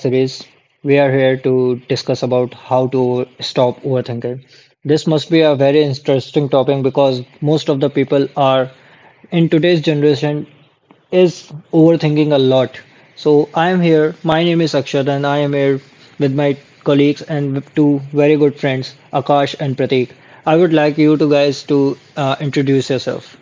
series. We are here to discuss about how to stop overthinking. This must be a very interesting topic because most of the people are in today's generation is overthinking a lot. So I am here. My name is Akshat and I am here with my colleagues and with two very good friends, Akash and Prateek. I would like you two guys to introduce yourself.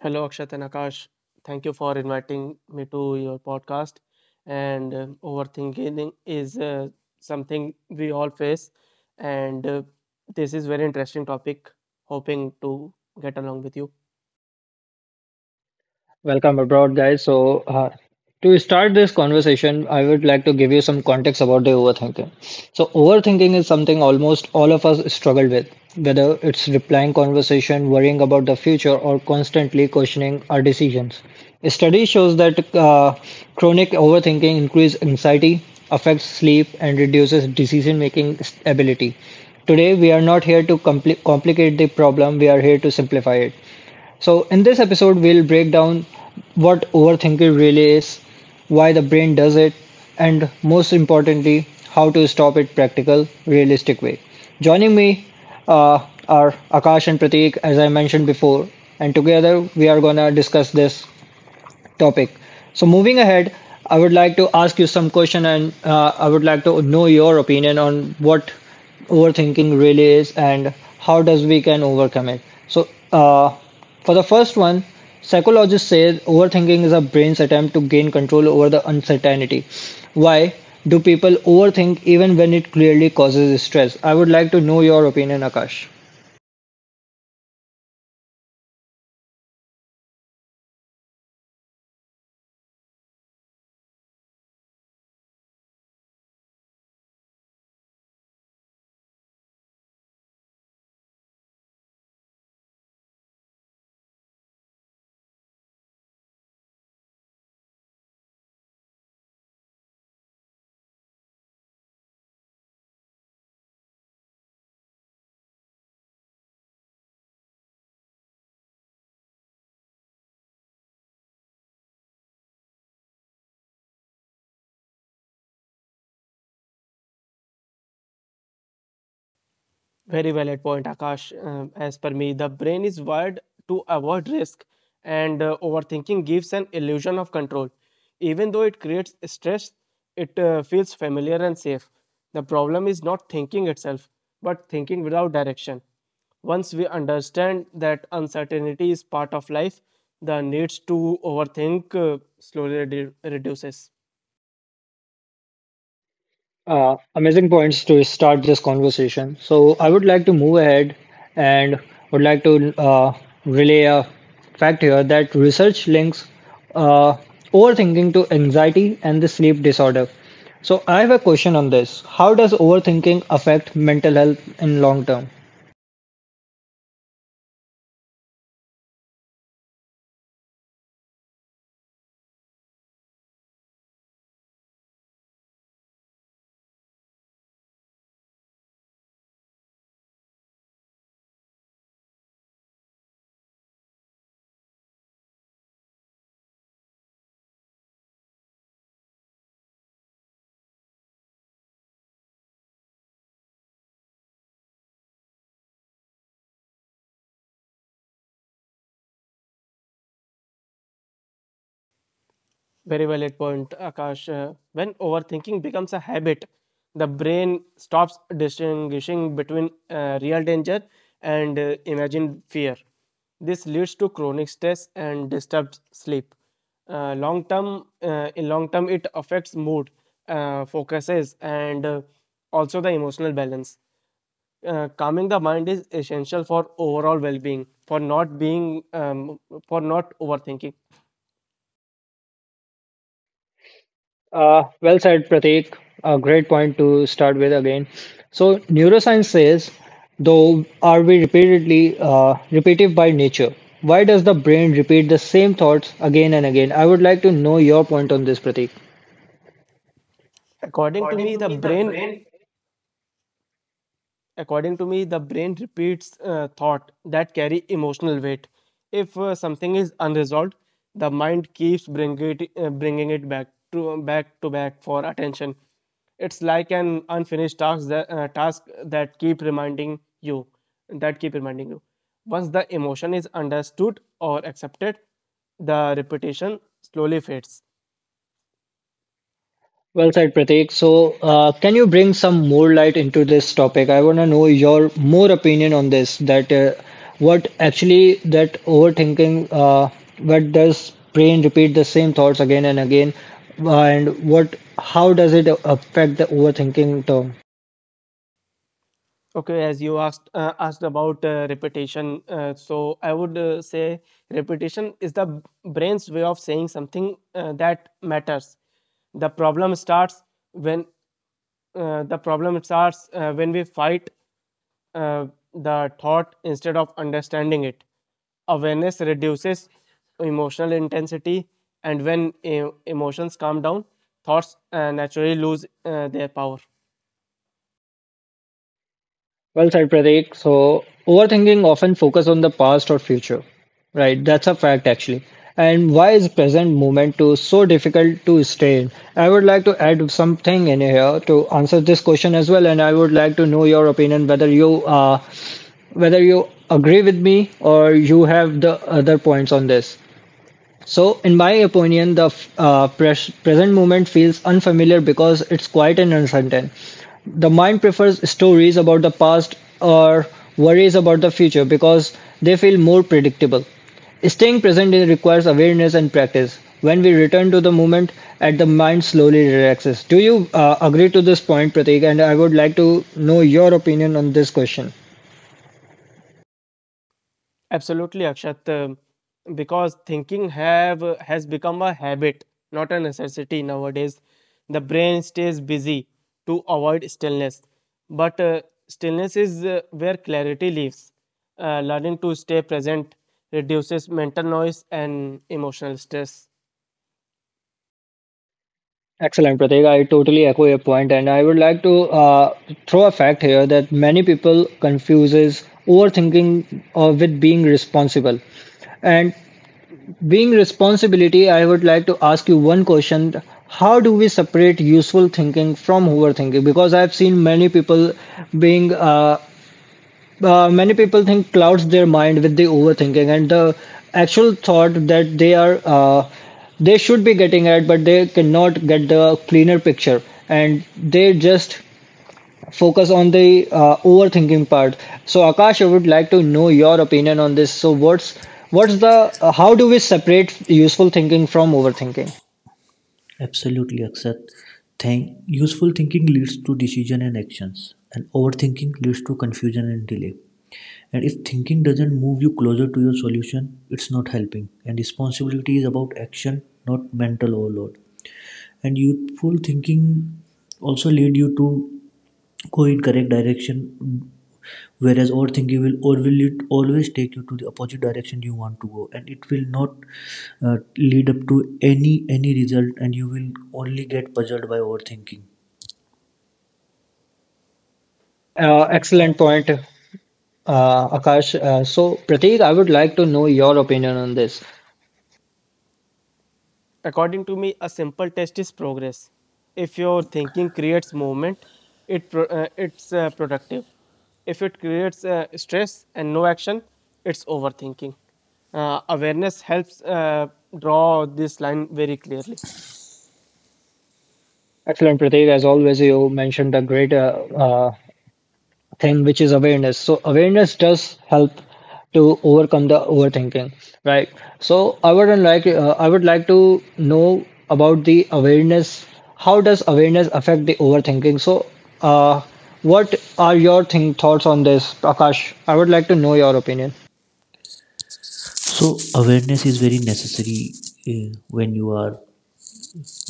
Hello, Akshat and Akash. Thank you for inviting me to your podcast. And overthinking is something we all face, and this is very interesting topic. Hoping to get along with you. Welcome abroad, guys. So, to start this conversation, I would like to give you some context about the overthinking. So, overthinking is something almost all of us struggle with, whether it's replying conversation, worrying about the future, or constantly questioning our decisions. A study shows that chronic overthinking increases anxiety, affects sleep, and reduces decision-making ability. Today, we are not here to complicate the problem, we are here to simplify it. So, in this episode, we'll break down what overthinking really is, why the brain does it, and most importantly, how to stop it practical, realistic way. Joining me uh, are Akash and Prateek, as I mentioned before, and together we are gonna discuss this topic. So moving ahead, I would like to ask you some question, and I would like to know your opinion on what overthinking really is and how does we can overcome it. So, for the first one, psychologists say overthinking is a brain's attempt to gain control over the uncertainty. Why do people overthink even when it clearly causes stress? I would like to know your opinion, Akash. Very valid point, Akash. As per me, the brain is wired to avoid risk, and overthinking gives an illusion of control. Even though it creates stress, it feels familiar and safe. The problem is not thinking itself, but thinking without direction. Once we understand that uncertainty is part of life, the needs to overthink slowly reduces. Amazing points to start this conversation. So I would like to move ahead and would like to relay a fact here that research links uh, overthinking to anxiety and the sleep disorder. So I have a question on this. How does overthinking affect mental health in long term? Very valid point, Akash. When overthinking becomes a habit, the brain stops distinguishing between real danger and imagined fear. This leads to chronic stress and disturbed sleep. In long term, it affects mood, focuses, and also the emotional balance. Calming the mind is essential for overall well-being, for not being, for not overthinking Well said, Pratik. A great point to start with again. So, neuroscience says, though, are we repeatedly repetitive by nature? Why does the brain repeat the same thoughts again and again? I would like to know your point on this, Pratik. according to me the brain According to me, the brain repeats thought that carry emotional weight. If something is unresolved, the mind keeps bringing it back to back to back for attention. It's like an unfinished task that keep reminding you. Once the emotion is understood or accepted, the repetition slowly fades. Well said, Pratik. So, can you bring some more light into this topic? I want to know your more opinion on this. That what actually that overthinking, what does brain repeat the same thoughts again and again, and what how does it affect the overthinking term? Okay, as you asked about repetition, so I would say repetition is the brain's way of saying something that matters. The problem starts when the problem starts when we fight uh, the thought instead of understanding it. Awareness reduces emotional intensity, and when emotions calm down, thoughts naturally lose their power. Well said, Pratik. So, overthinking often focus on the past or future, right? That's a fact actually. And why is present moment to so difficult to stay in? I would like to add something in here to answer this question as well, and I would like to know your opinion whether you whether you agree with me or you have the other points on this. So, in my opinion, the present moment feels unfamiliar because it's quiet and uncertain. The mind prefers stories about the past or worries about the future because they feel more predictable. Staying present requires awareness and practice. When we return to the moment, at the mind slowly relaxes. Do you agree to this point, Pratik? And I would like to know your opinion on this question. Absolutely, Akshat. Because thinking have has become a habit, not a necessity nowadays. The brain stays busy to avoid stillness, but stillness is where clarity lives. Learning to stay present reduces mental noise and emotional stress. Excellent, Pratik. I totally echo your point, and I would like to throw a fact here that many people confuses overthinking with being responsible. And being responsibility, I would like to ask you one question: How do we separate useful thinking from overthinking? Because I've seen many people being many people think clouds their mind with the overthinking and the actual thought that they are they should be getting at, but they cannot get the cleaner picture, and they just focus on the overthinking part. So Akash, I would like to know your opinion on this. So what's the how do we separate useful thinking from overthinking? Absolutely, Akshat. Useful thinking leads to decision and actions, and overthinking leads to confusion and delay. And if thinking doesn't move you closer to your solution, it's not helping. And responsibility is about action, not mental overload. And youthful thinking also lead you to go in correct direction, whereas overthinking will it always take you to the opposite direction you want to go, and it will not lead up to any result, and you will only get puzzled by overthinking. Excellent point, Akash. So Prateek, I would like to know your opinion on this. According to me, a simple test is progress. If your thinking creates movement, it it's productive. If it creates stress and no action, it's overthinking. Awareness helps draw this line very clearly. Excellent, Prateek. As always, you mentioned a great uh, thing, which is awareness. So awareness does help to overcome the overthinking, right? So I would like to know about the awareness. How does awareness affect the overthinking? So, uh, what are your think thoughts on this, Akash? I would like to know your opinion. So awareness is very necessary when you are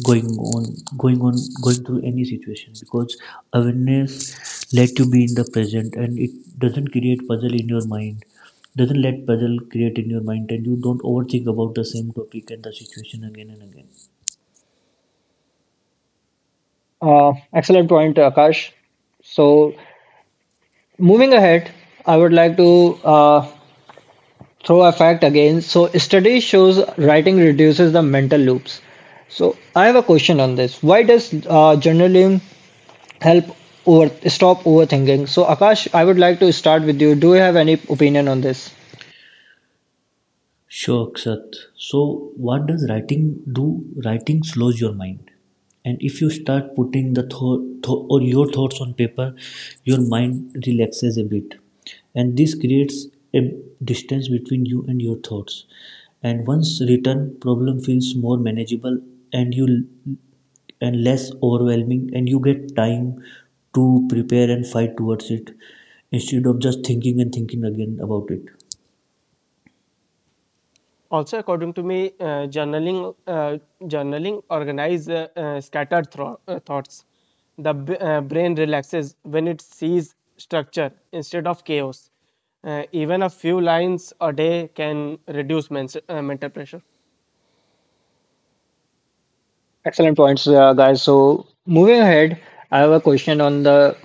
going on going on going through any situation, because awareness let you be in the present, and it doesn't create puzzle in your mind, doesn't let puzzle create in your mind, and you don't overthink about the same topic and the situation again and again. Excellent point, Akash. So, moving ahead, I would like to throw a fact again. So study shows writing reduces the mental loops. So I have a question on this. Why does journaling help over stop overthinking? So Akash, I would like to start with you. Do you have any opinion on this? Sure, Kshat. So, what does writing do? Writing slows your mind. And if you start putting the thought tho- or your thoughts on paper, your mind relaxes a bit. And this creates a distance between you and your thoughts. And once written, problem feels more manageable and you l- and less overwhelming, and you get time to prepare and fight towards it instead of just thinking and thinking again about it. Also, according to me, journaling organize thoughts. The brain relaxes when it sees structure instead of chaos. Even a few lines a day can reduce mental pressure. Excellent points, guys. So moving ahead, I have a question on the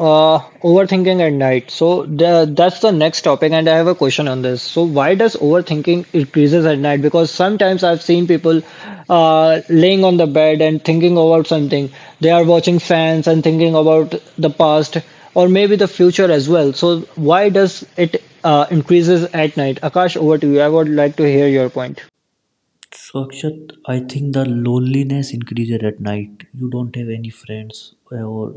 Overthinking at night. So the, that's the next topic, and I have a question on this. So why does overthinking increases at night? Because sometimes I've seen people laying on the bed and thinking about something. They are watching fans and thinking about the past or maybe the future as well. So why does it increases at night? Akash, over to you. I would like to hear your point. So Akshat, I think the loneliness increases at night. You don't have any friends or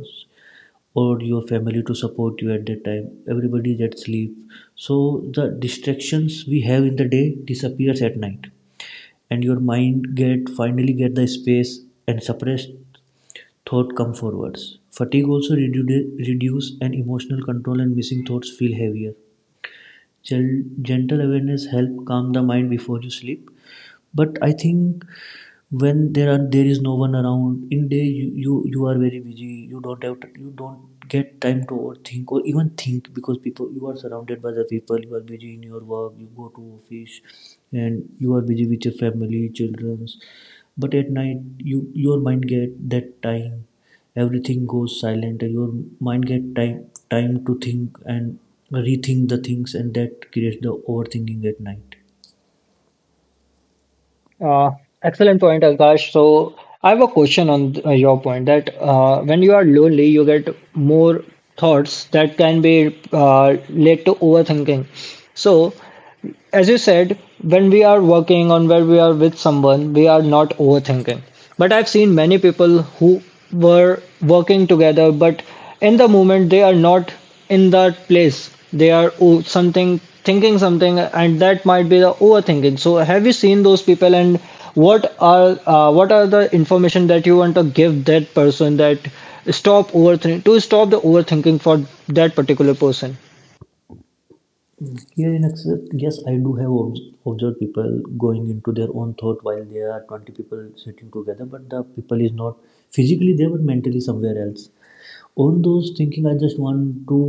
or your family to support you at that time. Everybody is at sleep. So the distractions we have in the day disappears at night. And your mind get finally get the space, and suppressed thought come forwards. Fatigue also reduce, and emotional control and missing thoughts feel heavier. Gentle awareness help calm the mind before you sleep. But I think when there is no one around in day, you are very busy, you don't get time to overthink or even think, because people, you are surrounded by the people, you are busy in your work, you go to office and you are busy with your family children's. But at night, your mind get that time, everything goes silent, and your mind get time to think and rethink the things, and that creates the overthinking at night. Uh, Excellent point, Akash. So I have a question on your point that when you are lonely, you get more thoughts that can be led to overthinking. So as you said, when we are working on where we are with someone, we are not overthinking. But I've seen many people who were working together, but in the moment they are not in that place. They are oh, something thinking something, and that might be the overthinking. So, have you seen those people, and what are the information that you want to give that person that stop overthinking to stop the overthinking for that particular person? Here in Excel, yes, I do have observed people going into their own thought while there are 20 people sitting together, but the people is not physically there but mentally somewhere else. On those thinking, I just want to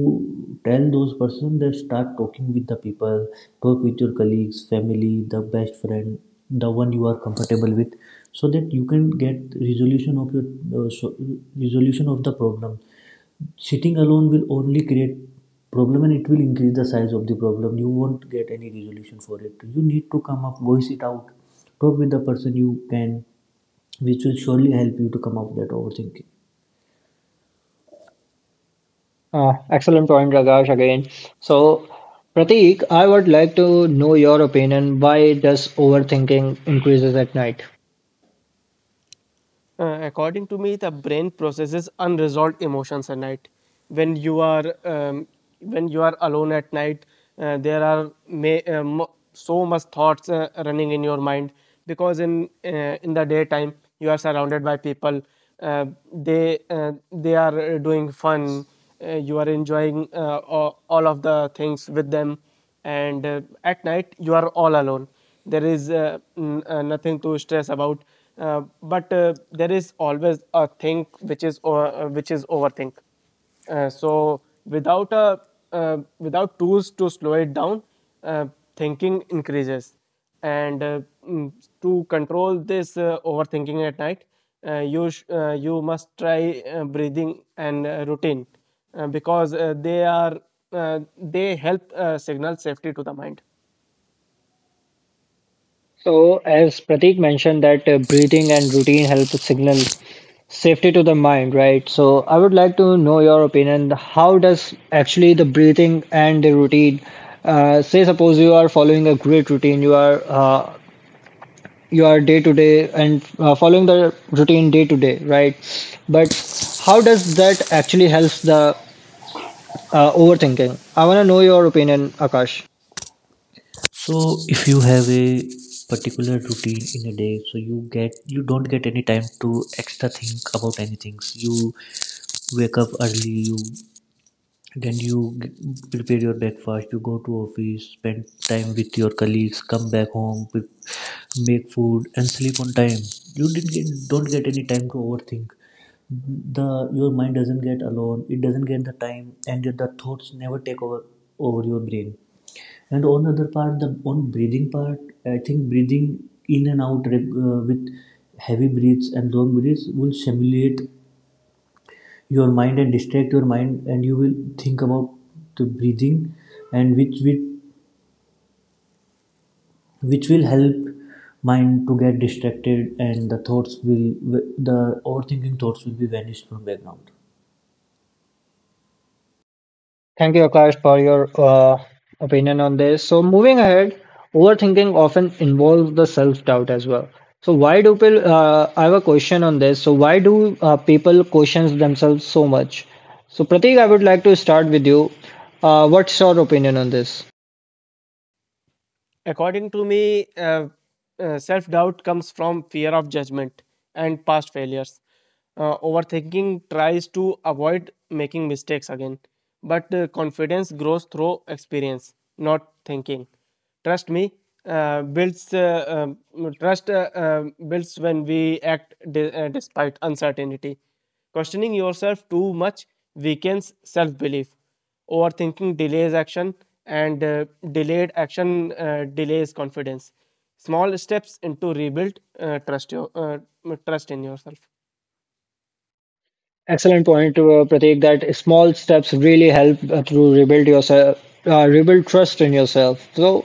tell those person that start talking with the people, talk with your colleagues, family, the best friend, the one you are comfortable with, so that you can get resolution of your so, resolution of the problem. Sitting alone will only create problem, and it will increase the size of the problem. You won't get any resolution for it. You need to come up, voice it out, talk with the person you can, which will surely help you to come up that overthinking. Excellent point, Ragash, again. So, Prateek, I would like to know your opinion. Why does overthinking increases at night? According to me, the brain processes unresolved emotions at night. When you are alone at night, there are so much thoughts running in your mind because in the daytime you are surrounded by people. Uh, they are doing fun. You are enjoying all of the things with them, and at night you are all alone there is nothing to stress about but there is always a think which is which is overthink so without a without tools to slow it down uh, thinking increases and mm, to control this overthinking at night you must try breathing and routine because they help signal safety to the mind. So, as Prateek mentioned that breathing and routine help signal safety to the mind, right? So, I would like to know your opinion. How does actually the breathing and the routine, say suppose you are following a great routine, you are your day to day and following the routine day to day, right? But how does that actually helps the overthinking? I want to know your opinion, Akash. So if you have a particular routine in a day, so you don't get any time to extra think about anything. You wake up early, you then prepare your breakfast, you go to office, spend time with your colleagues, come back home, make food and sleep on time. You didn't get, don't get any time to overthink. The your mind doesn't get alone, it doesn't get the time, and the thoughts never take over your brain. And on the other part, the on breathing part, I think breathing in and out with heavy breaths and long breaths will stimulate your mind and distract your mind, and you will think about the breathing, and which will help mind to get distracted, and the overthinking thoughts will be vanished from background. Thank you, Akash, for your opinion on this. So, moving ahead, overthinking often involves the self doubt as well. So, why do people? I have a question on this. So, why do people question themselves so much? So, Pratik, I would like to start with you. What's your opinion on this? According to me, self doubt comes from fear of judgment and past failures. Overthinking tries to avoid making mistakes again, but confidence grows through experience, not thinking. Trust me, builds trust builds when we act despite uncertainty. Questioning yourself too much weakens self belief. Overthinking delays action, and delayed action delays confidence. Small steps into rebuild trust your trust in yourself. Excellent point, Pratik, that small steps really help to rebuild yourself, rebuild trust in yourself. So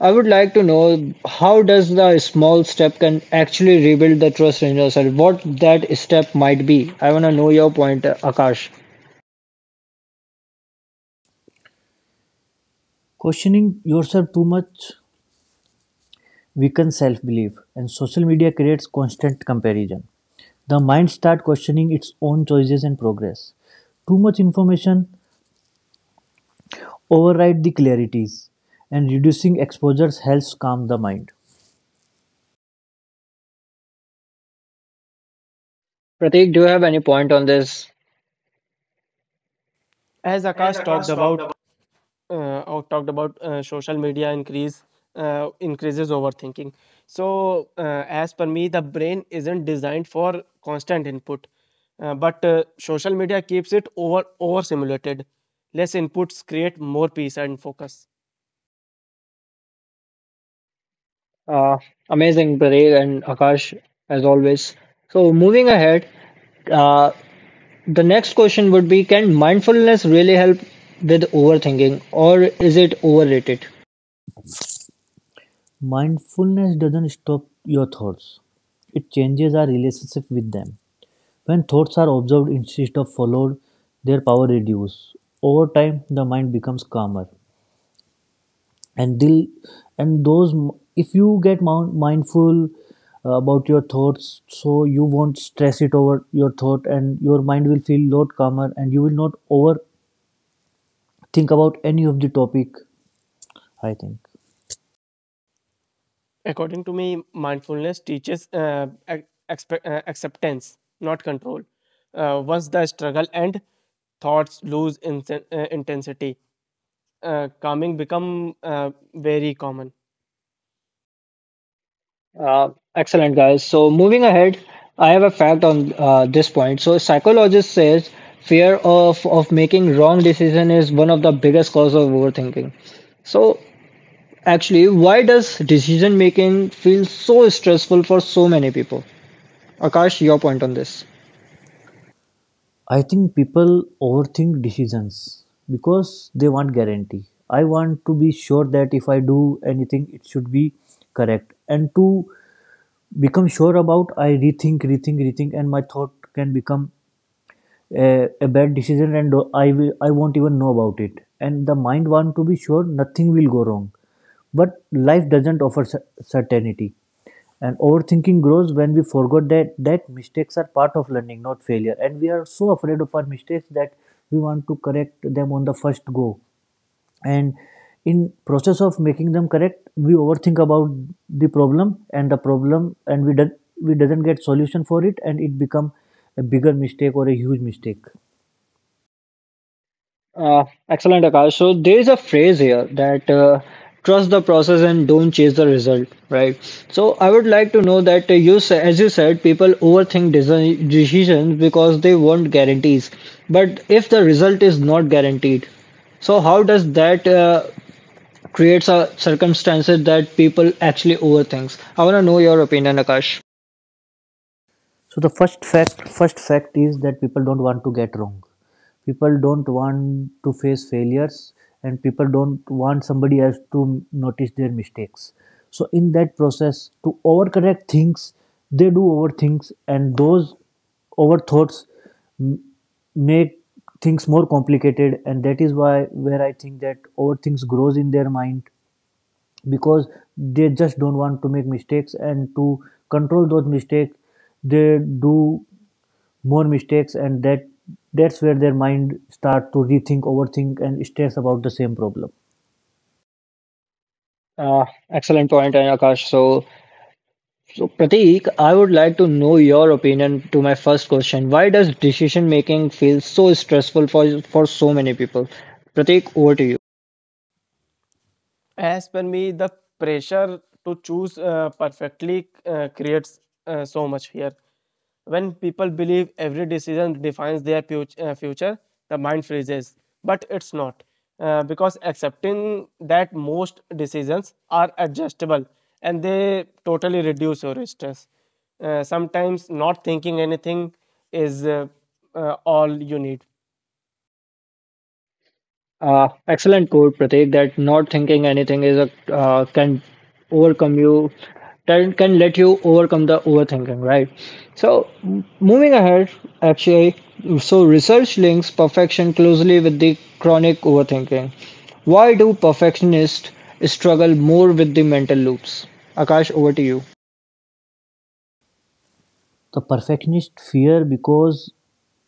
I would like to know how does the small step can actually rebuild the trust in yourself? What that step might be? I want to know your point, Akash. Questioning yourself too much weakens self-belief, and social media creates constant comparison. The mind start questioning its own choices and progress. Too much information override the clarities, and reducing exposures helps calm the mind. Pratik, do you have any point on this? As Akash talked about, social media increases overthinking. So, as per me, the brain isn't designed for constant input, but social media keeps it over simulated. Less inputs create more peace and focus. Uh, Amazing, Pratik and Akash, as always. So moving ahead, uh, the next question would be: Can mindfulness really help with overthinking or is it overrated? Mindfulness doesn't stop your thoughts, it changes our relationship with them. When thoughts are observed instead of followed, their power reduces. Over time, the mind becomes calmer. And, they'll, and if you get mindful about your thoughts, so you won't stress it over your thought, and your mind will feel lot calmer, and you will not overthink about any of the topic. I think. According to me, mindfulness teaches acceptance, not control. Once the struggle and thoughts lose intensity, calming become very common. Uh, Excellent, guys. So, moving ahead, I have a fact on this point. So, psychologist says fear of making wrong decision is one of the biggest cause of overthinking. So, actually, why does decision making feel so stressful for so many people? Akash, your point on this. I think people overthink decisions because they want guarantee. I want to be sure that if I do anything, it should be correct. And to become sure about, I rethink, rethink, rethink, and my thought can become a bad decision, and I won't even know about it. And the mind want to be sure nothing will go wrong. But life doesn't offer certainty. And overthinking grows when we forgot that mistakes are part of learning, not failure. And we are so afraid of our mistakes that we want to correct them on the first go. And in process of making them correct, we overthink about the problem, and we doesn't get solution for it, and it become a bigger mistake or a huge mistake. Uh, Excellent, Akash. So there is a phrase here that trust the process and don't chase the result, right? So I would like to know that you, as you said, people overthink decisions because they want guarantees. But if the result is not guaranteed, so how does that creates a circumstances that people actually overthinks? I want to know your opinion, Akash. So the first fact is that people don't want to get wrong. People don't want to face failures, and people don't want somebody else to notice their mistakes. So in that process, to overcorrect things, they do overthink, and those overthoughts m- make things more complicated. And that is why where I think that overthinks grows in their mind, because they just don't want to make mistakes, and to control those mistakes, they do more mistakes, and that's where their mind start to rethink, overthink and stress about the same problem. Uh, Excellent point, Akash. So, Prateek, I would like to know your opinion to my first question. Why does decision making feel so stressful for so many people? Prateek, over to you. As per me, the pressure to choose perfectly creates so much fear. When people believe every decision defines their future, the mind freezes. But it's not. Because accepting that most decisions are adjustable and they totally reduce your stress. Sometimes not thinking anything is all you need. Excellent quote, Pratik, that not thinking anything is a can overcome you, can let you overcome the overthinking, right? So, moving ahead, actually, so research links perfection closely with the chronic overthinking. Why do perfectionists struggle more with the mental loops? Akash, over to you. The perfectionist fear, because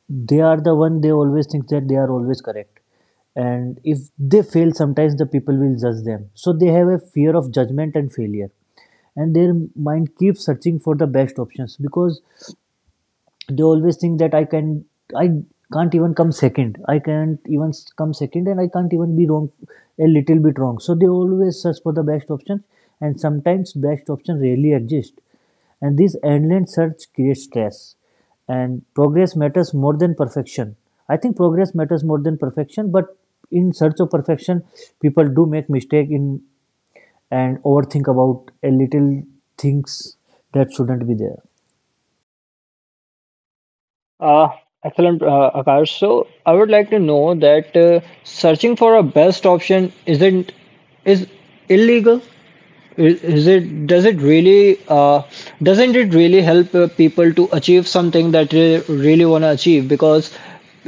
they are the one, they always think that they are always correct, and if they fail sometimes, the people will judge them, so they have a fear of judgment and failure, and their mind keeps searching for the best options, because they always think that I can't even come second. I can't even come second, and I can't even be wrong, a little bit wrong. So they always search for the best option, and sometimes best option rarely exist. And this endless search creates stress. And progress matters more than perfection. I think progress matters more than perfection, but in search of perfection, people do make mistake in and overthink about a little things that shouldn't be there. Uh, Excellent, Akash. So I would like to know that searching for a best option isn't is illegal. I- Is it does it really doesn't it really help people to achieve something that they really want to achieve? Because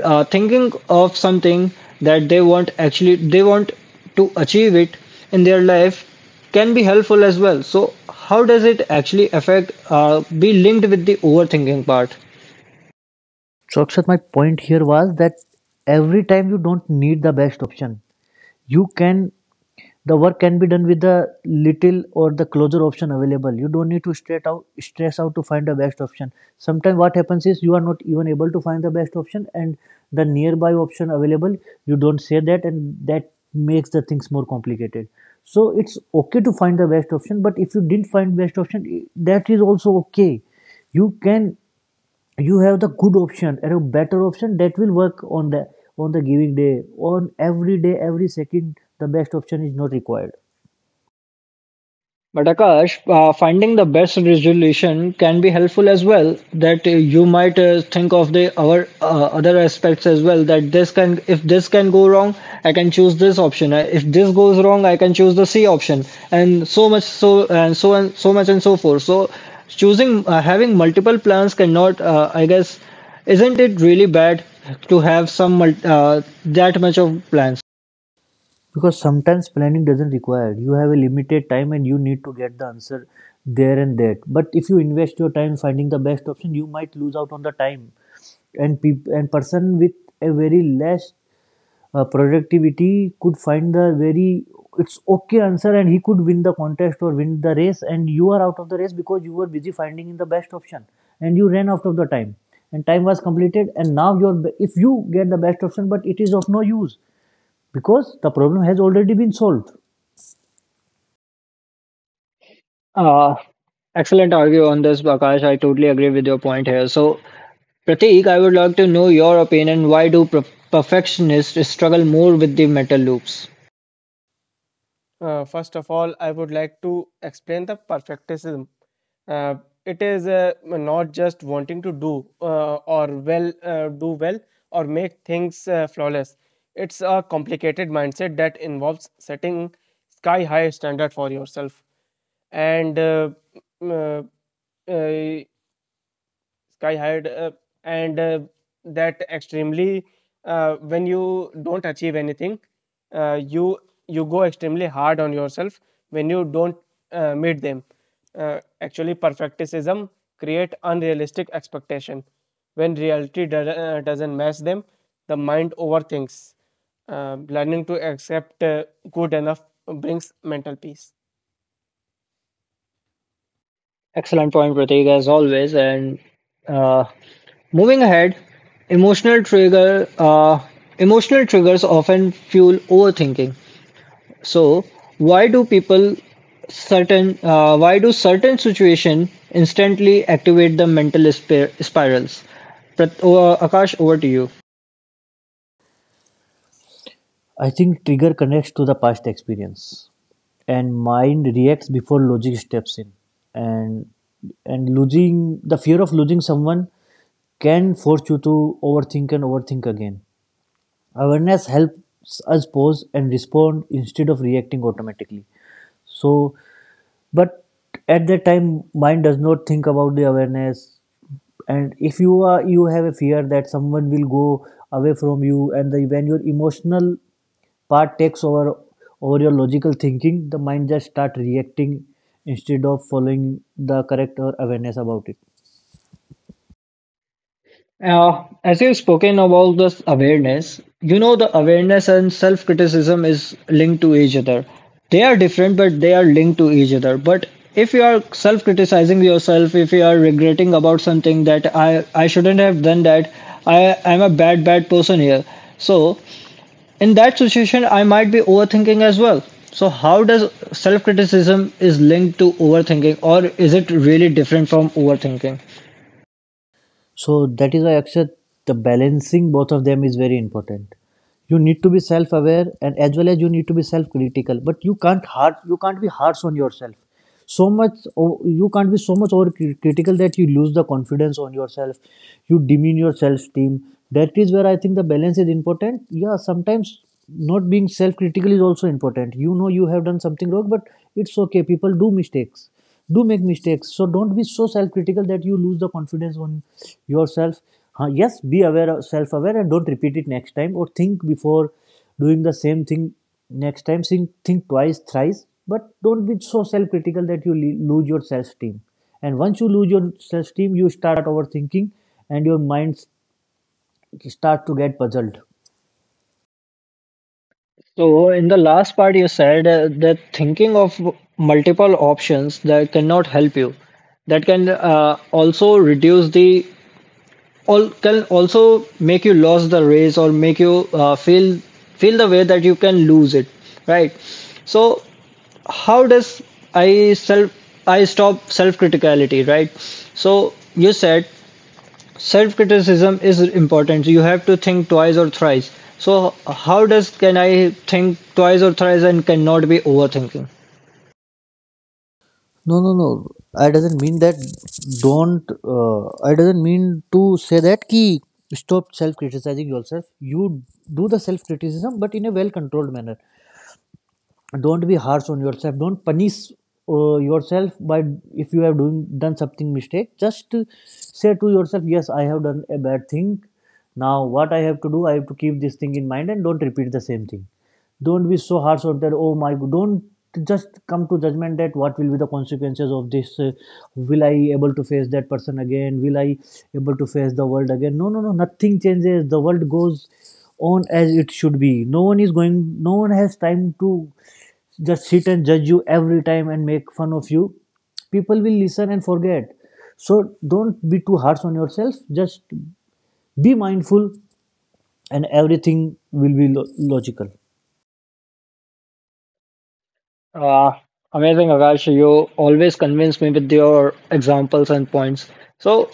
thinking of something that they want actually they want to achieve it in their life can be helpful as well. So how does it actually affect be linked with the overthinking part? So, Akshat, my point here was that every time you don't need the best option, you can the work can be done with the little or the closer option available. You don't need to straight out stress out to find the best option. Sometimes what happens is you are not even able to find the best option, and the nearby option available you don't say that, and that makes the things more complicated. So it's okay to find the best option, but if you didn't find best option, that is also okay. you can you have the good option and a better option that will work on the giving day, on every day, every second. The best option is not required, But Akash, finding the best resolution can be helpful as well. That you might think of the our other aspects as well. That this can, if this can go wrong, I can choose this option. If this goes wrong, I can choose the C option, and so much, so and so and so much and so forth. So, choosing having multiple plans cannot, I guess, isn't it really bad to have some that much of plans? because sometimes planning doesn't require. You have a limited time and you need to get the answer there and that. But if you invest your time finding the best option, you might lose out on the time, and and person with a very less productivity could find the very it's okay answer, and he could win the contest or win the race, and you are out of the race because you were busy finding in the best option, and you ran out of the time and time was completed, and now you're if you get the best option, but it is of no use because the problem has already been solved. Uh, Excellent argue on this, Akash. I totally agree with your point here. So Prateek, I would like to know your opinion. Why do perfectionists struggle more with the mental loops? First of all, I would like to explain the perfectionism. Uh, it is not just wanting to do or well do well or make things flawless. It's a complicated mindset that involves setting sky high standard for yourself and m- uh, uh, sky high and that extremely when you don't achieve anything you go extremely hard on yourself when you don't meet them actually perfecticism create unrealistic expectation when reality doesn't match them the mind overthinks learning to accept good enough brings mental peace. Excellent point, Prateek, as always. And uh, moving ahead, emotional trigger, emotional triggers often fuel overthinking. So, why do people certain, why do certain situation instantly activate the mental spirals? Akash, over to you. I think trigger connects to the past experience, and mind reacts before logic steps in. And losing the fear of losing someone can force you to overthink and overthink again. Awareness helps us pause and respond instead of reacting automatically. So but at that time mind does not think about the awareness, and if you have a fear that someone will go away from you, and when your emotional part takes over your logical thinking, the mind just start reacting instead of following the correct or awareness about it. As you've spoken about this awareness, you know the awareness and self-criticism is linked to each other. They are different, but they are linked to each other. But if you are self-criticizing yourself, if you are regretting about something that I shouldn't have done that, I'm a bad person here. So in that situation, I might be overthinking as well. So how does self-criticism is linked to overthinking, or is it really different from overthinking? So that is why Akshat, the balancing both of them is very important. You need to be self-aware and as well as you need to be self-critical. But you can't be harsh on yourself. You can't be so much over critical that you lose the confidence on yourself. You demean your self-esteem. That is where I think the balance is important. Yeah, sometimes not being self-critical is also important. You know you have done something wrong, but it's okay. People do mistakes do make mistakes, so don't be so self-critical that you lose the confidence on yourself. Huh, yes, be aware, self-aware, and don't repeat it next time, or think before doing the same thing next time. Think twice, thrice, but don't be so self-critical that you lose your self-esteem, and once you lose your self-esteem, you start overthinking and your mind start to get puzzled. So in the last part, you said that thinking of multiple options that cannot help you, that can also reduce the all can also make you lose the race or make you feel the way that you can lose it, right? So how does I self I stop self criticality, right? So you said self-criticism is important. You have to think twice or thrice. So how does can I think twice or thrice and cannot be overthinking? No, no, no. I doesn't mean that. Don't. I doesn't mean to say that. Ki stop self criticizing yourself. You do the self criticism, but in a well controlled manner. Don't be harsh on yourself, don't punish yourself by if you have doing done something mistake. Just say to yourself, yes, I have done a bad thing, now what I have to do, I have to keep this thing in mind and don't repeat the same thing. Don't be so harsh on that, oh my god, don't just come to judgment that what will be the consequences of this, will I able to face that person again, will I able to face the world again? No, no, no, nothing changes, the world goes on as it should be. No one is going, no one has time to just sit and judge you every time and make fun of you. People will listen and forget, so don't be too harsh on yourself. Just be mindful and everything will be logical. Uh, amazing, Akash. You always convince me with your examples and points. So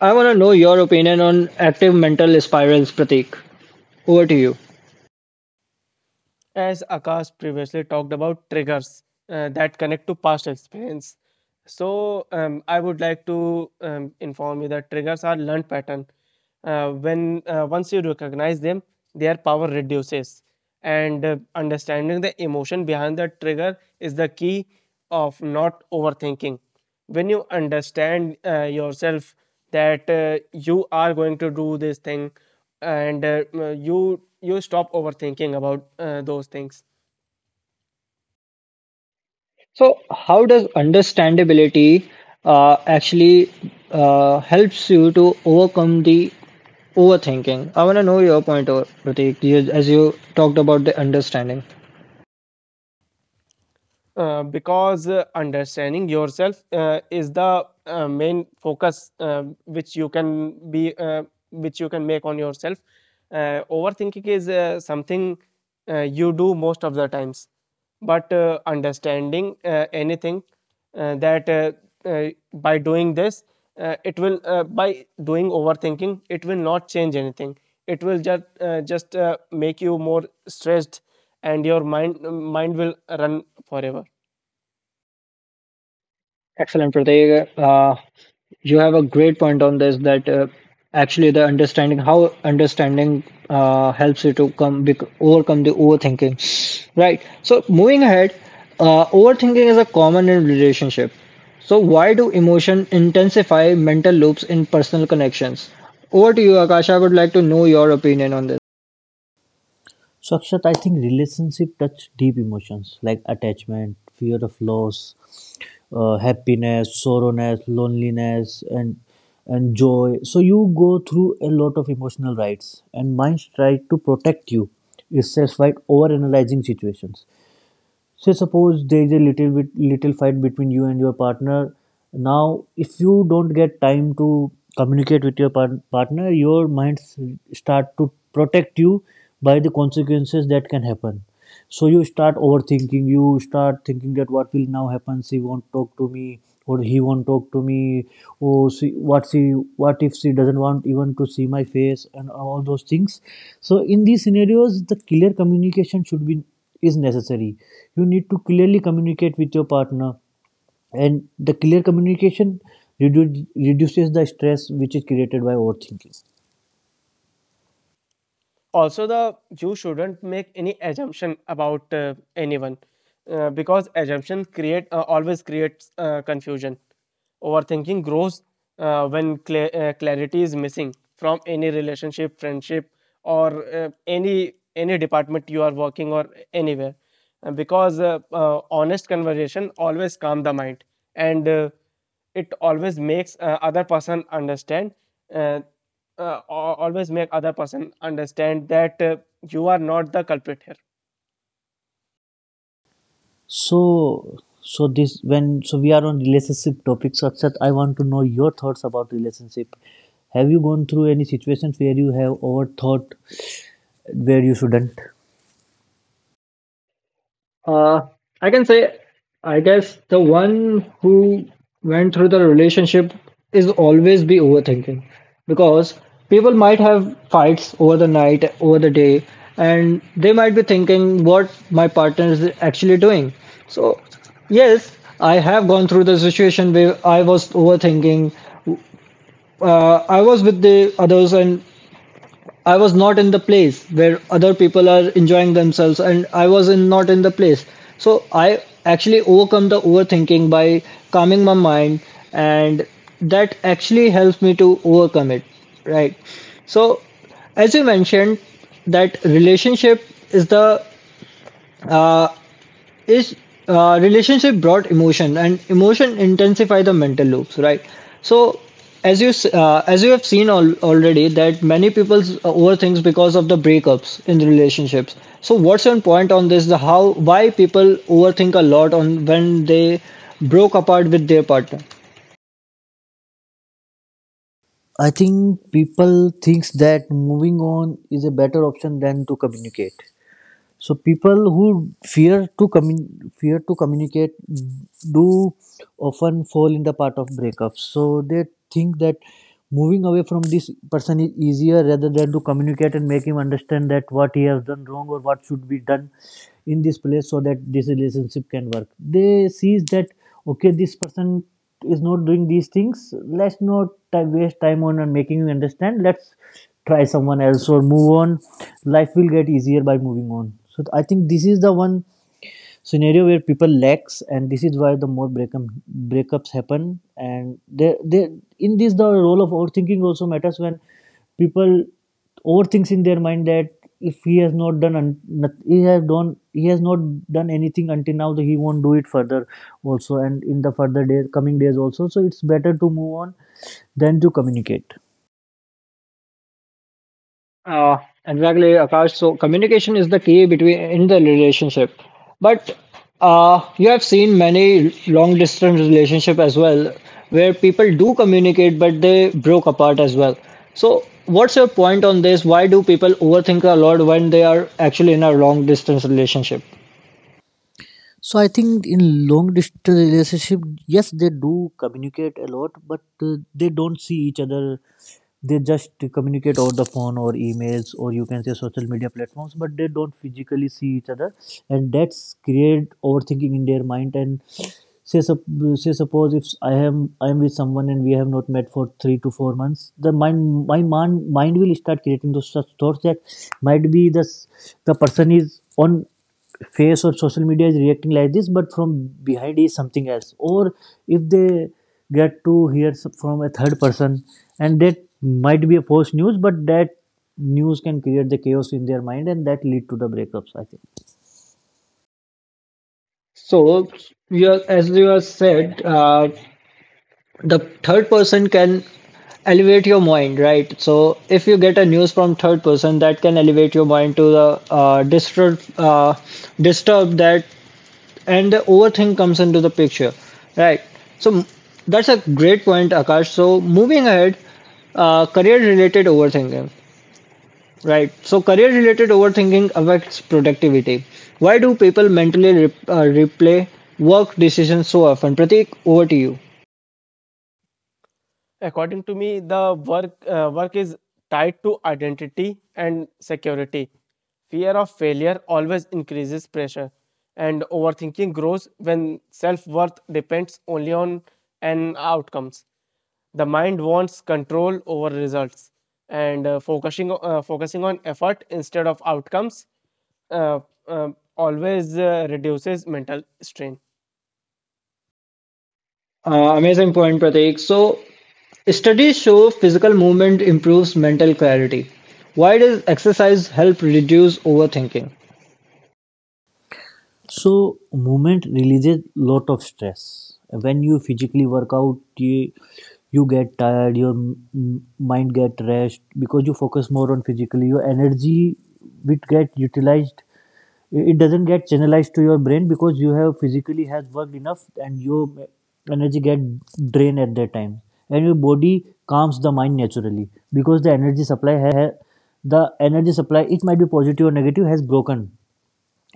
I want to know your opinion on active mental spirals, Prateek. Over to you. As Akash previously talked about triggers that connect to past experience. So I would like to inform you that triggers are learned pattern. When once you recognize them, their power reduces, and understanding the emotion behind the trigger is the key of not overthinking. When you understand yourself that you are going to do this thing and you stop overthinking about those things So, how does understandability actually helps you to overcome the overthinking? I want to know your point, or Pratik, as you talked about the understanding. Because understanding yourself is the main focus which you can be which you can make on yourself overthinking is something you do most of the times but understanding anything that by doing this it will by doing overthinking it will not change anything it will just make you more stressed and your mind will run forever Excellent, Prateek. You have a great point on this that actually the understanding how understanding helps you to come bec overcome the overthinking. Right. So moving ahead, overthinking is a common in relationship. So why do emotion intensify mental loops in personal connections? Over to you, Akash. I would like to know your opinion on this. So Akshat, I think relationship touch deep emotions like attachment, fear of loss, happiness, sorrowness, loneliness and joy. So you go through a lot of emotional rights and minds try to protect you is satisfied over analyzing situations. Say suppose there is a little bit little fight between you and your partner. Now if you don't get time to communicate with your partner, your minds start to protect you by the consequences that can happen. So you start overthinking, you start thinking that what will now happen, she won't talk to me or he won't talk to me, or she what if she doesn't want even to see my face and all those things. So in these scenarios, the clear communication should be is necessary. You need to clearly communicate with your partner, and the clear communication reduces the stress which is created by overthinking. also the you shouldn't make any assumption about anyone because assumption create always creates confusion overthinking grows when cla clarity is missing from any relationship friendship or any department you are working or anywhere. Because Honest conversation always calm the mind and it always makes other person understand uh, always make other person understand that you are not the culprit here. So, so this when so we are on relationship topics, Akshat, I want to know your thoughts about relationship. Have you gone through any situations where you have overthought where you shouldn't? Uh, I can say, I guess the one who went through the relationship is always be overthinking because people might have fights over the night, over the day, and they might be thinking what my partner is actually doing. So, yes, I have gone through the situation where I was overthinking. I was with the others and I was not in the place where other people are enjoying themselves, and I was in not in the place. So I actually overcome the overthinking by calming my mind, and that actually helps me to overcome it. Right. So, as you mentioned, that relationship is the uh, is relationship brought emotion and emotion intensify the mental loops, right? So as you have seen already that many people overthink because of the breakups in the relationships, so what's your point on this, the how why people overthink a lot on when they broke apart with their partner? I think people thinks that moving on is a better option than to communicate. So people who fear to fear to communicate do often fall in the part of breakups. So they think that moving away from this person is easier rather than to communicate and make him understand that what he has done wrong or what should be done in this place so that this relationship can work. They sees that okay, this person is not doing these things, let's not waste time on making you understand. Let's try someone else or move on. Life will get easier by moving on. So I think this is the one scenario where people lacks, and this is why the more breakup breakups happen, and they in this the role of overthinking also matters. When people overthinks in their mind that if he has not done he has done he has not done anything until now, he won't do it further also and in the further days coming days also, so it's better to move on than to communicate. Uh, exactly, Akash. So communication is the key between in the relationship. But you have seen many long distance relationship as well, where people do communicate, but they broke apart as well. So what's your point on this? Why do people overthink a lot when they are actually in a long distance relationship? So I think in long distance relationship, yes, they do communicate a lot, but they don't see each other. They just communicate over the phone or emails, or you can say social media platforms, but they don't physically see each other, and that's create overthinking in their mind. And say sup- say suppose if I am with someone and we have not met for 3 to 4 months, the mind my mind will start creating those such thoughts that might be this the person is on face or social media is reacting like this, but from behind is something else, or if they get to hear from a third person, and that might be a false news, but that news can create the chaos in their mind and that lead to the breakups, I think. So, you as you have said, the third person can elevate your mind, right? So if you get a news from third person, that can elevate your mind to the disturb that, and the overthink comes into the picture, right? So that's a great point, Akash. So moving ahead, career related overthinking, right? So career related overthinking affects productivity. Why do people mentally replay work decisions so often? Prateek? Over to you. According to me, the work is tied to identity and security. Fear of failure always increases pressure, and overthinking grows when self worth depends only on an outcomes. The mind wants control over results, and focusing on effort instead of outcomes uh, always reduces mental strain. Amazing point, Prateek. So studies show physical movement improves mental clarity. Why does exercise help reduce overthinking? So movement releases lot of stress. When you physically work out, you get tired, your mind get rest because you focus more on physically your energy which get utilized. It doesn't get channelized to your brain because you have physically has worked enough and your energy get drained at that time, and your body calms the mind naturally because the energy supply the energy supply, it might be positive or negative, has broken.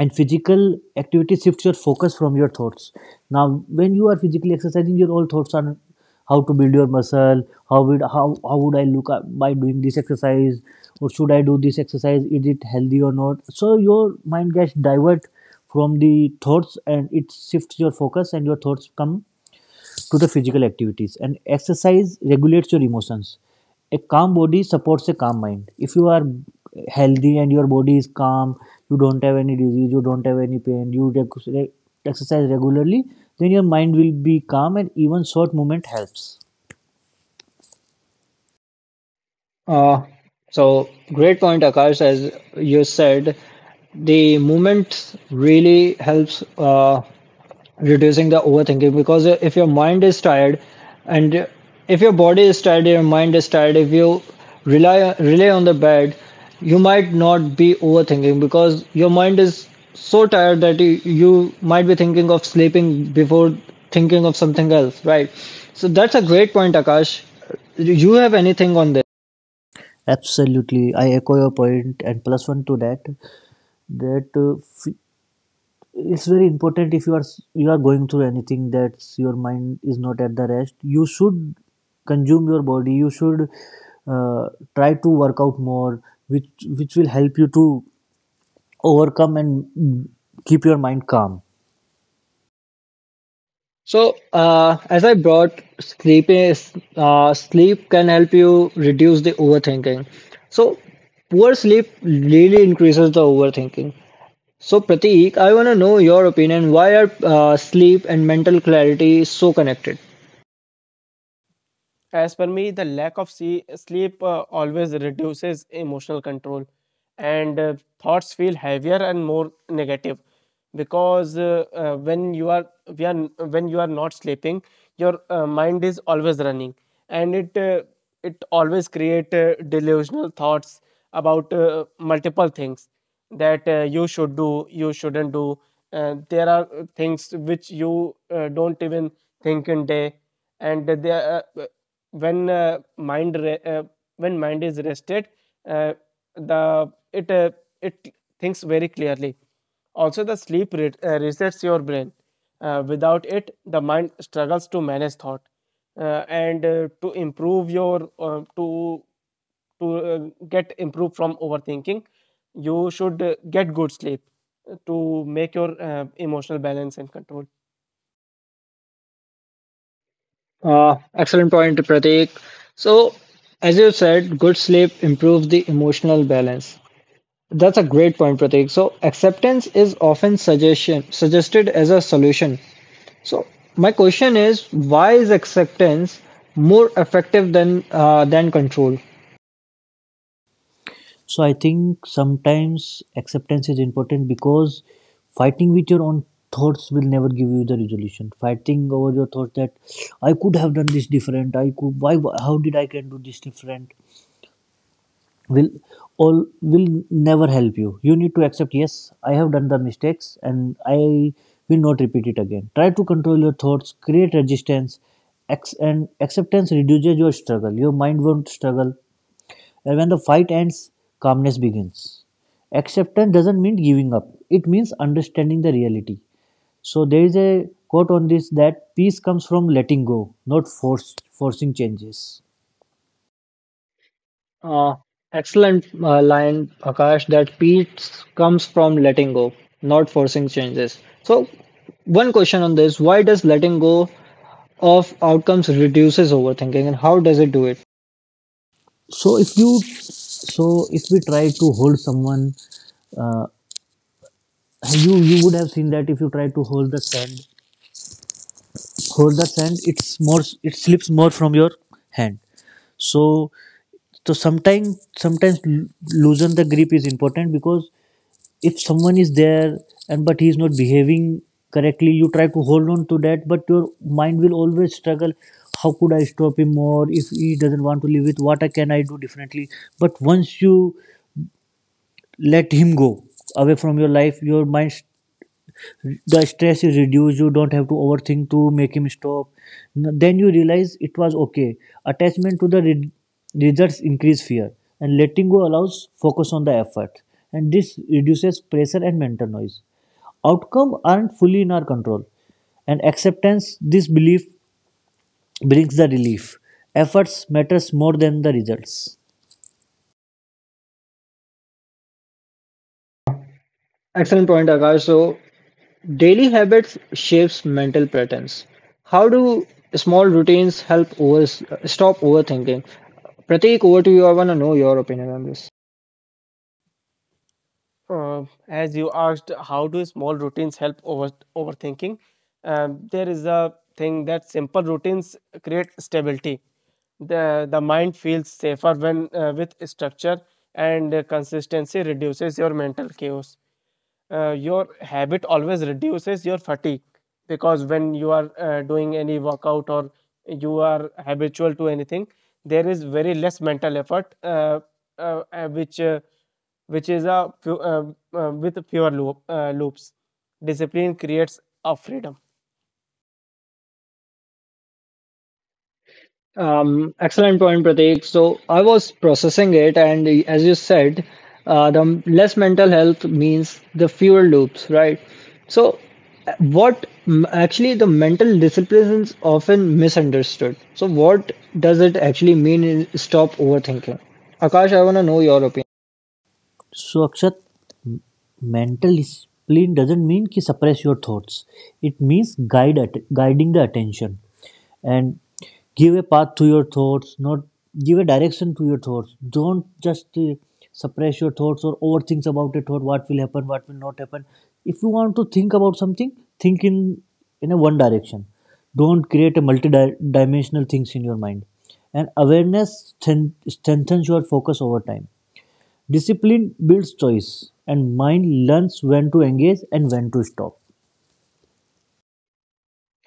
And physical activity shifts your focus from your thoughts. Now when you are physically exercising, your all thoughts are how to build your muscle, how would how would I look up by doing this exercise, or should I do this exercise, is it healthy or not? So your mind gets divert from the thoughts and it shifts your focus, and your thoughts come to the physical activities. And exercise regulates your emotions. A calm body supports a calm mind. If you are healthy and your body is calm, you don't have any disease, you don't have any pain, you exercise regularly, then your mind will be calm. And even short movement helps. Uh, so, great point, Akash. As you said, the movement really helps reducing the overthinking because if your mind is tired and if your body is tired your mind is tired, if you rely on the bed you might not be overthinking because your mind is so tired that you might be thinking of sleeping before thinking of something else, right? So that's a great point, Akash. Do you have anything on this? Absolutely, I echo your point, and plus one to that, that it's very important if you are going through anything that your mind is not at the rest, you should consume your body, you should uh, try to work out more, which will help you to overcome and keep your mind calm. So, as I brought sleep is sleep can help you reduce the overthinking. So, poor sleep really increases the overthinking. So, Prateek, I want to know your opinion. Why are sleep and mental clarity so connected? As per me, the lack of sleep always reduces emotional control, and thoughts feel heavier and more negative because we are when you are not sleeping, your mind is always running, and it it always create delusional thoughts about multiple things that you should do, you shouldn't do. There are things which you don't even think in day, and there. When mind re- when mind is rested uh, the it it thinks very clearly also the sleep resets your brain without it the mind struggles to manage thought and to improve your to get improved from overthinking you should get good sleep to make your emotional balance and control. Excellent point, Prateek. So, as you said, good sleep improves the emotional balance. That's a great point, Prateek. So, acceptance is often suggestion suggested as a solution. So my question is, why is acceptance more effective than than control? So I think sometimes acceptance is important because fighting with your own thoughts will never give you the resolution. Fighting over your thoughts that I could have done this different, I could why how did I can do this different, will all will never help you. You need to accept, yes, I have done the mistakes and I will not repeat it again. Try to control your thoughts, create resistance, and acceptance reduces your struggle. Your mind won't struggle, and when the fight ends, calmness begins. Acceptance doesn't mean giving up, it means understanding the reality. So there is a quote on this, that peace comes from letting go, not force forcing changes. Uh, excellent line, Akash. That peace comes from letting go, not forcing changes. So one question on this: Why does letting go of outcomes reduces overthinking, and how does it do it? So if you so if we try to hold someone, uh, you you would have seen that if you try to hold the sand hold the sand, it's more it slips more from your hand. So so sometimes sometimes loosen the grip is important, because if someone is there and but he is not behaving correctly, you try to hold on to that, but your mind will always struggle, how could I stop him more, if he doesn't want to live with what I can I do differently. But once you let him go away from your life, your mind the stress is reduced. You don't have to overthink to make him stop. Then you realize it was okay. Attachment to the results increase fear, and letting go allows focus on the effort, and this reduces pressure and mental noise. Outcome aren't fully in our control, and acceptance this belief brings the relief. Efforts matters more than the results. Excellent point, Akash. So daily habits shapes mental patterns. How do small routines help over stop overthinking? Prateek, over to you. I want to know your opinion on this. As you asked, how do small routines help over overthinking? There is a thing that simple routines create stability. The mind feels safer when with structure, and consistency reduces your mental chaos your habit always reduces your fatigue because when you are doing any workout or you are habitual to anything there is very less mental effort uh, uh, which uh, which is a few, with fewer loops discipline creates a freedom. Excellent point, Prateek. So I was processing it, and as you said, the less mental health means the fewer loops, right? So what actually the mental discipline is often misunderstood. So what does it actually mean in stop overthinking? Akash, I want to know your opinion. So Akshat, mental discipline doesn't mean ki suppress your thoughts. It means guide guiding the attention and give a path to your thoughts, not give a direction to your thoughts. Don't just suppress your thoughts or overthink about a thought, what will happen, what will not happen. If you want to think about something, think in a one direction. Don't create a multi-dimensional things in your mind. And awareness strengthens your focus over time. Discipline builds choice, and mind learns when to engage and when to stop.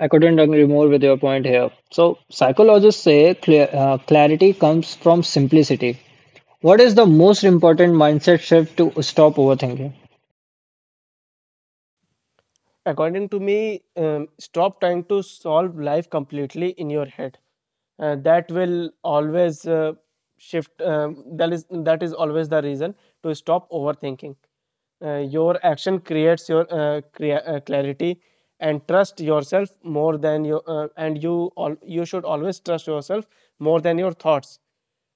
I couldn't agree more with your point here. So, psychologists say clarity comes from simplicity. What is the most important mindset shift to stop overthinking? According to me, stop trying to solve life completely in your head. That will always shift. That is always the reason to stop overthinking. Your action creates your clarity and trust yourself more than your and you all you should always trust yourself more than your thoughts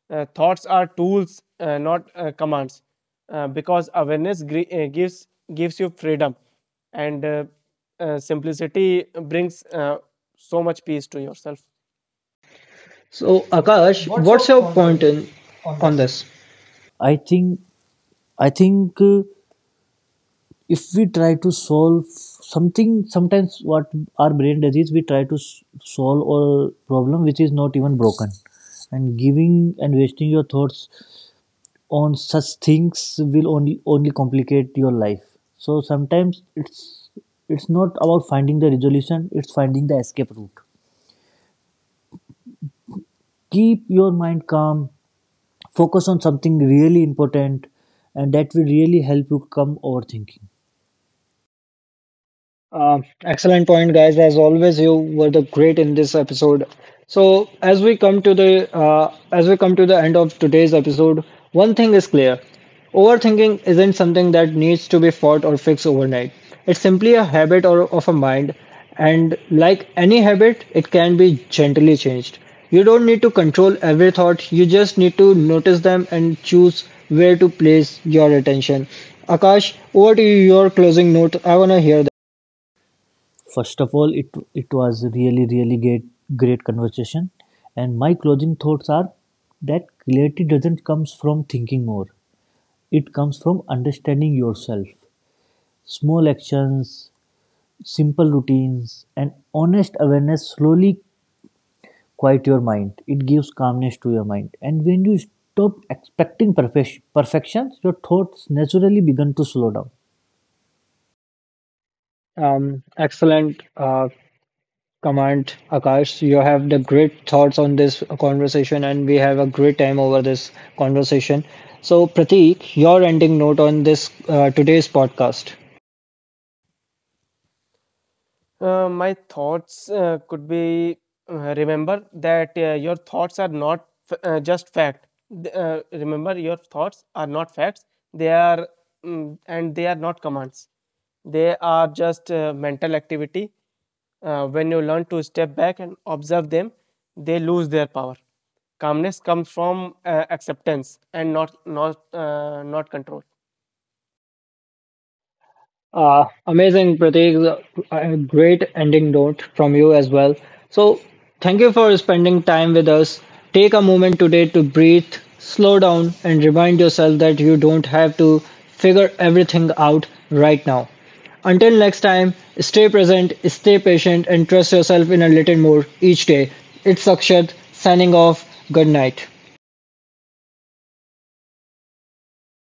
thoughts are tools, not commands, because awareness gives you freedom, and simplicity brings so much peace to yourself. So, Akash, what's your point in on this? I think I think if we try to solve something, sometimes what our brain does is we try to solve a problem which is not even broken, and giving and wasting your thoughts on such things will only only complicate your life. So sometimes it's not about finding the resolution, it's finding the escape route. Keep your mind calm, focus on something really important, and that will really help you come overthinking. Excellent point, guys. As always, you were the great in this episode. So, as we come to the end of today's episode, one thing is clear: overthinking isn't something that needs to be fought or fixed overnight. It's simply a habit or of a mind, and like any habit, it can be gently changed. You don't need to control every thought. You just need to notice them and choose where to place your attention. Akash, over to you, your closing note. I wanna hear First of all, it was really really great great conversation, and my closing thoughts are that clarity doesn't comes from thinking more, it comes from understanding yourself. Small actions, simple routines, and honest awareness slowly quiet your mind. It gives calmness to your mind, and when you stop expecting perfection, your thoughts naturally begin to slow down. Excellent comment, Akash. You have the great thoughts on this conversation, and we have a great time over this conversation. So, Pratik, your ending note on this today's podcast. My thoughts could be remember that your thoughts are not f- just fact. Th- remember your thoughts are not facts. They are they are not commands. They are just mental activity. When you learn to step back and observe them, they lose their power. Calmness comes from acceptance and not control. Amazing, Prateek. A great ending note from you as well. So, thank you for spending time with us. Take a moment today to breathe, slow down, and remind yourself that you don't have to figure everything out right now. Until next time, stay present, stay patient, and trust yourself in a little more each day. It's Akshat signing off. Good night.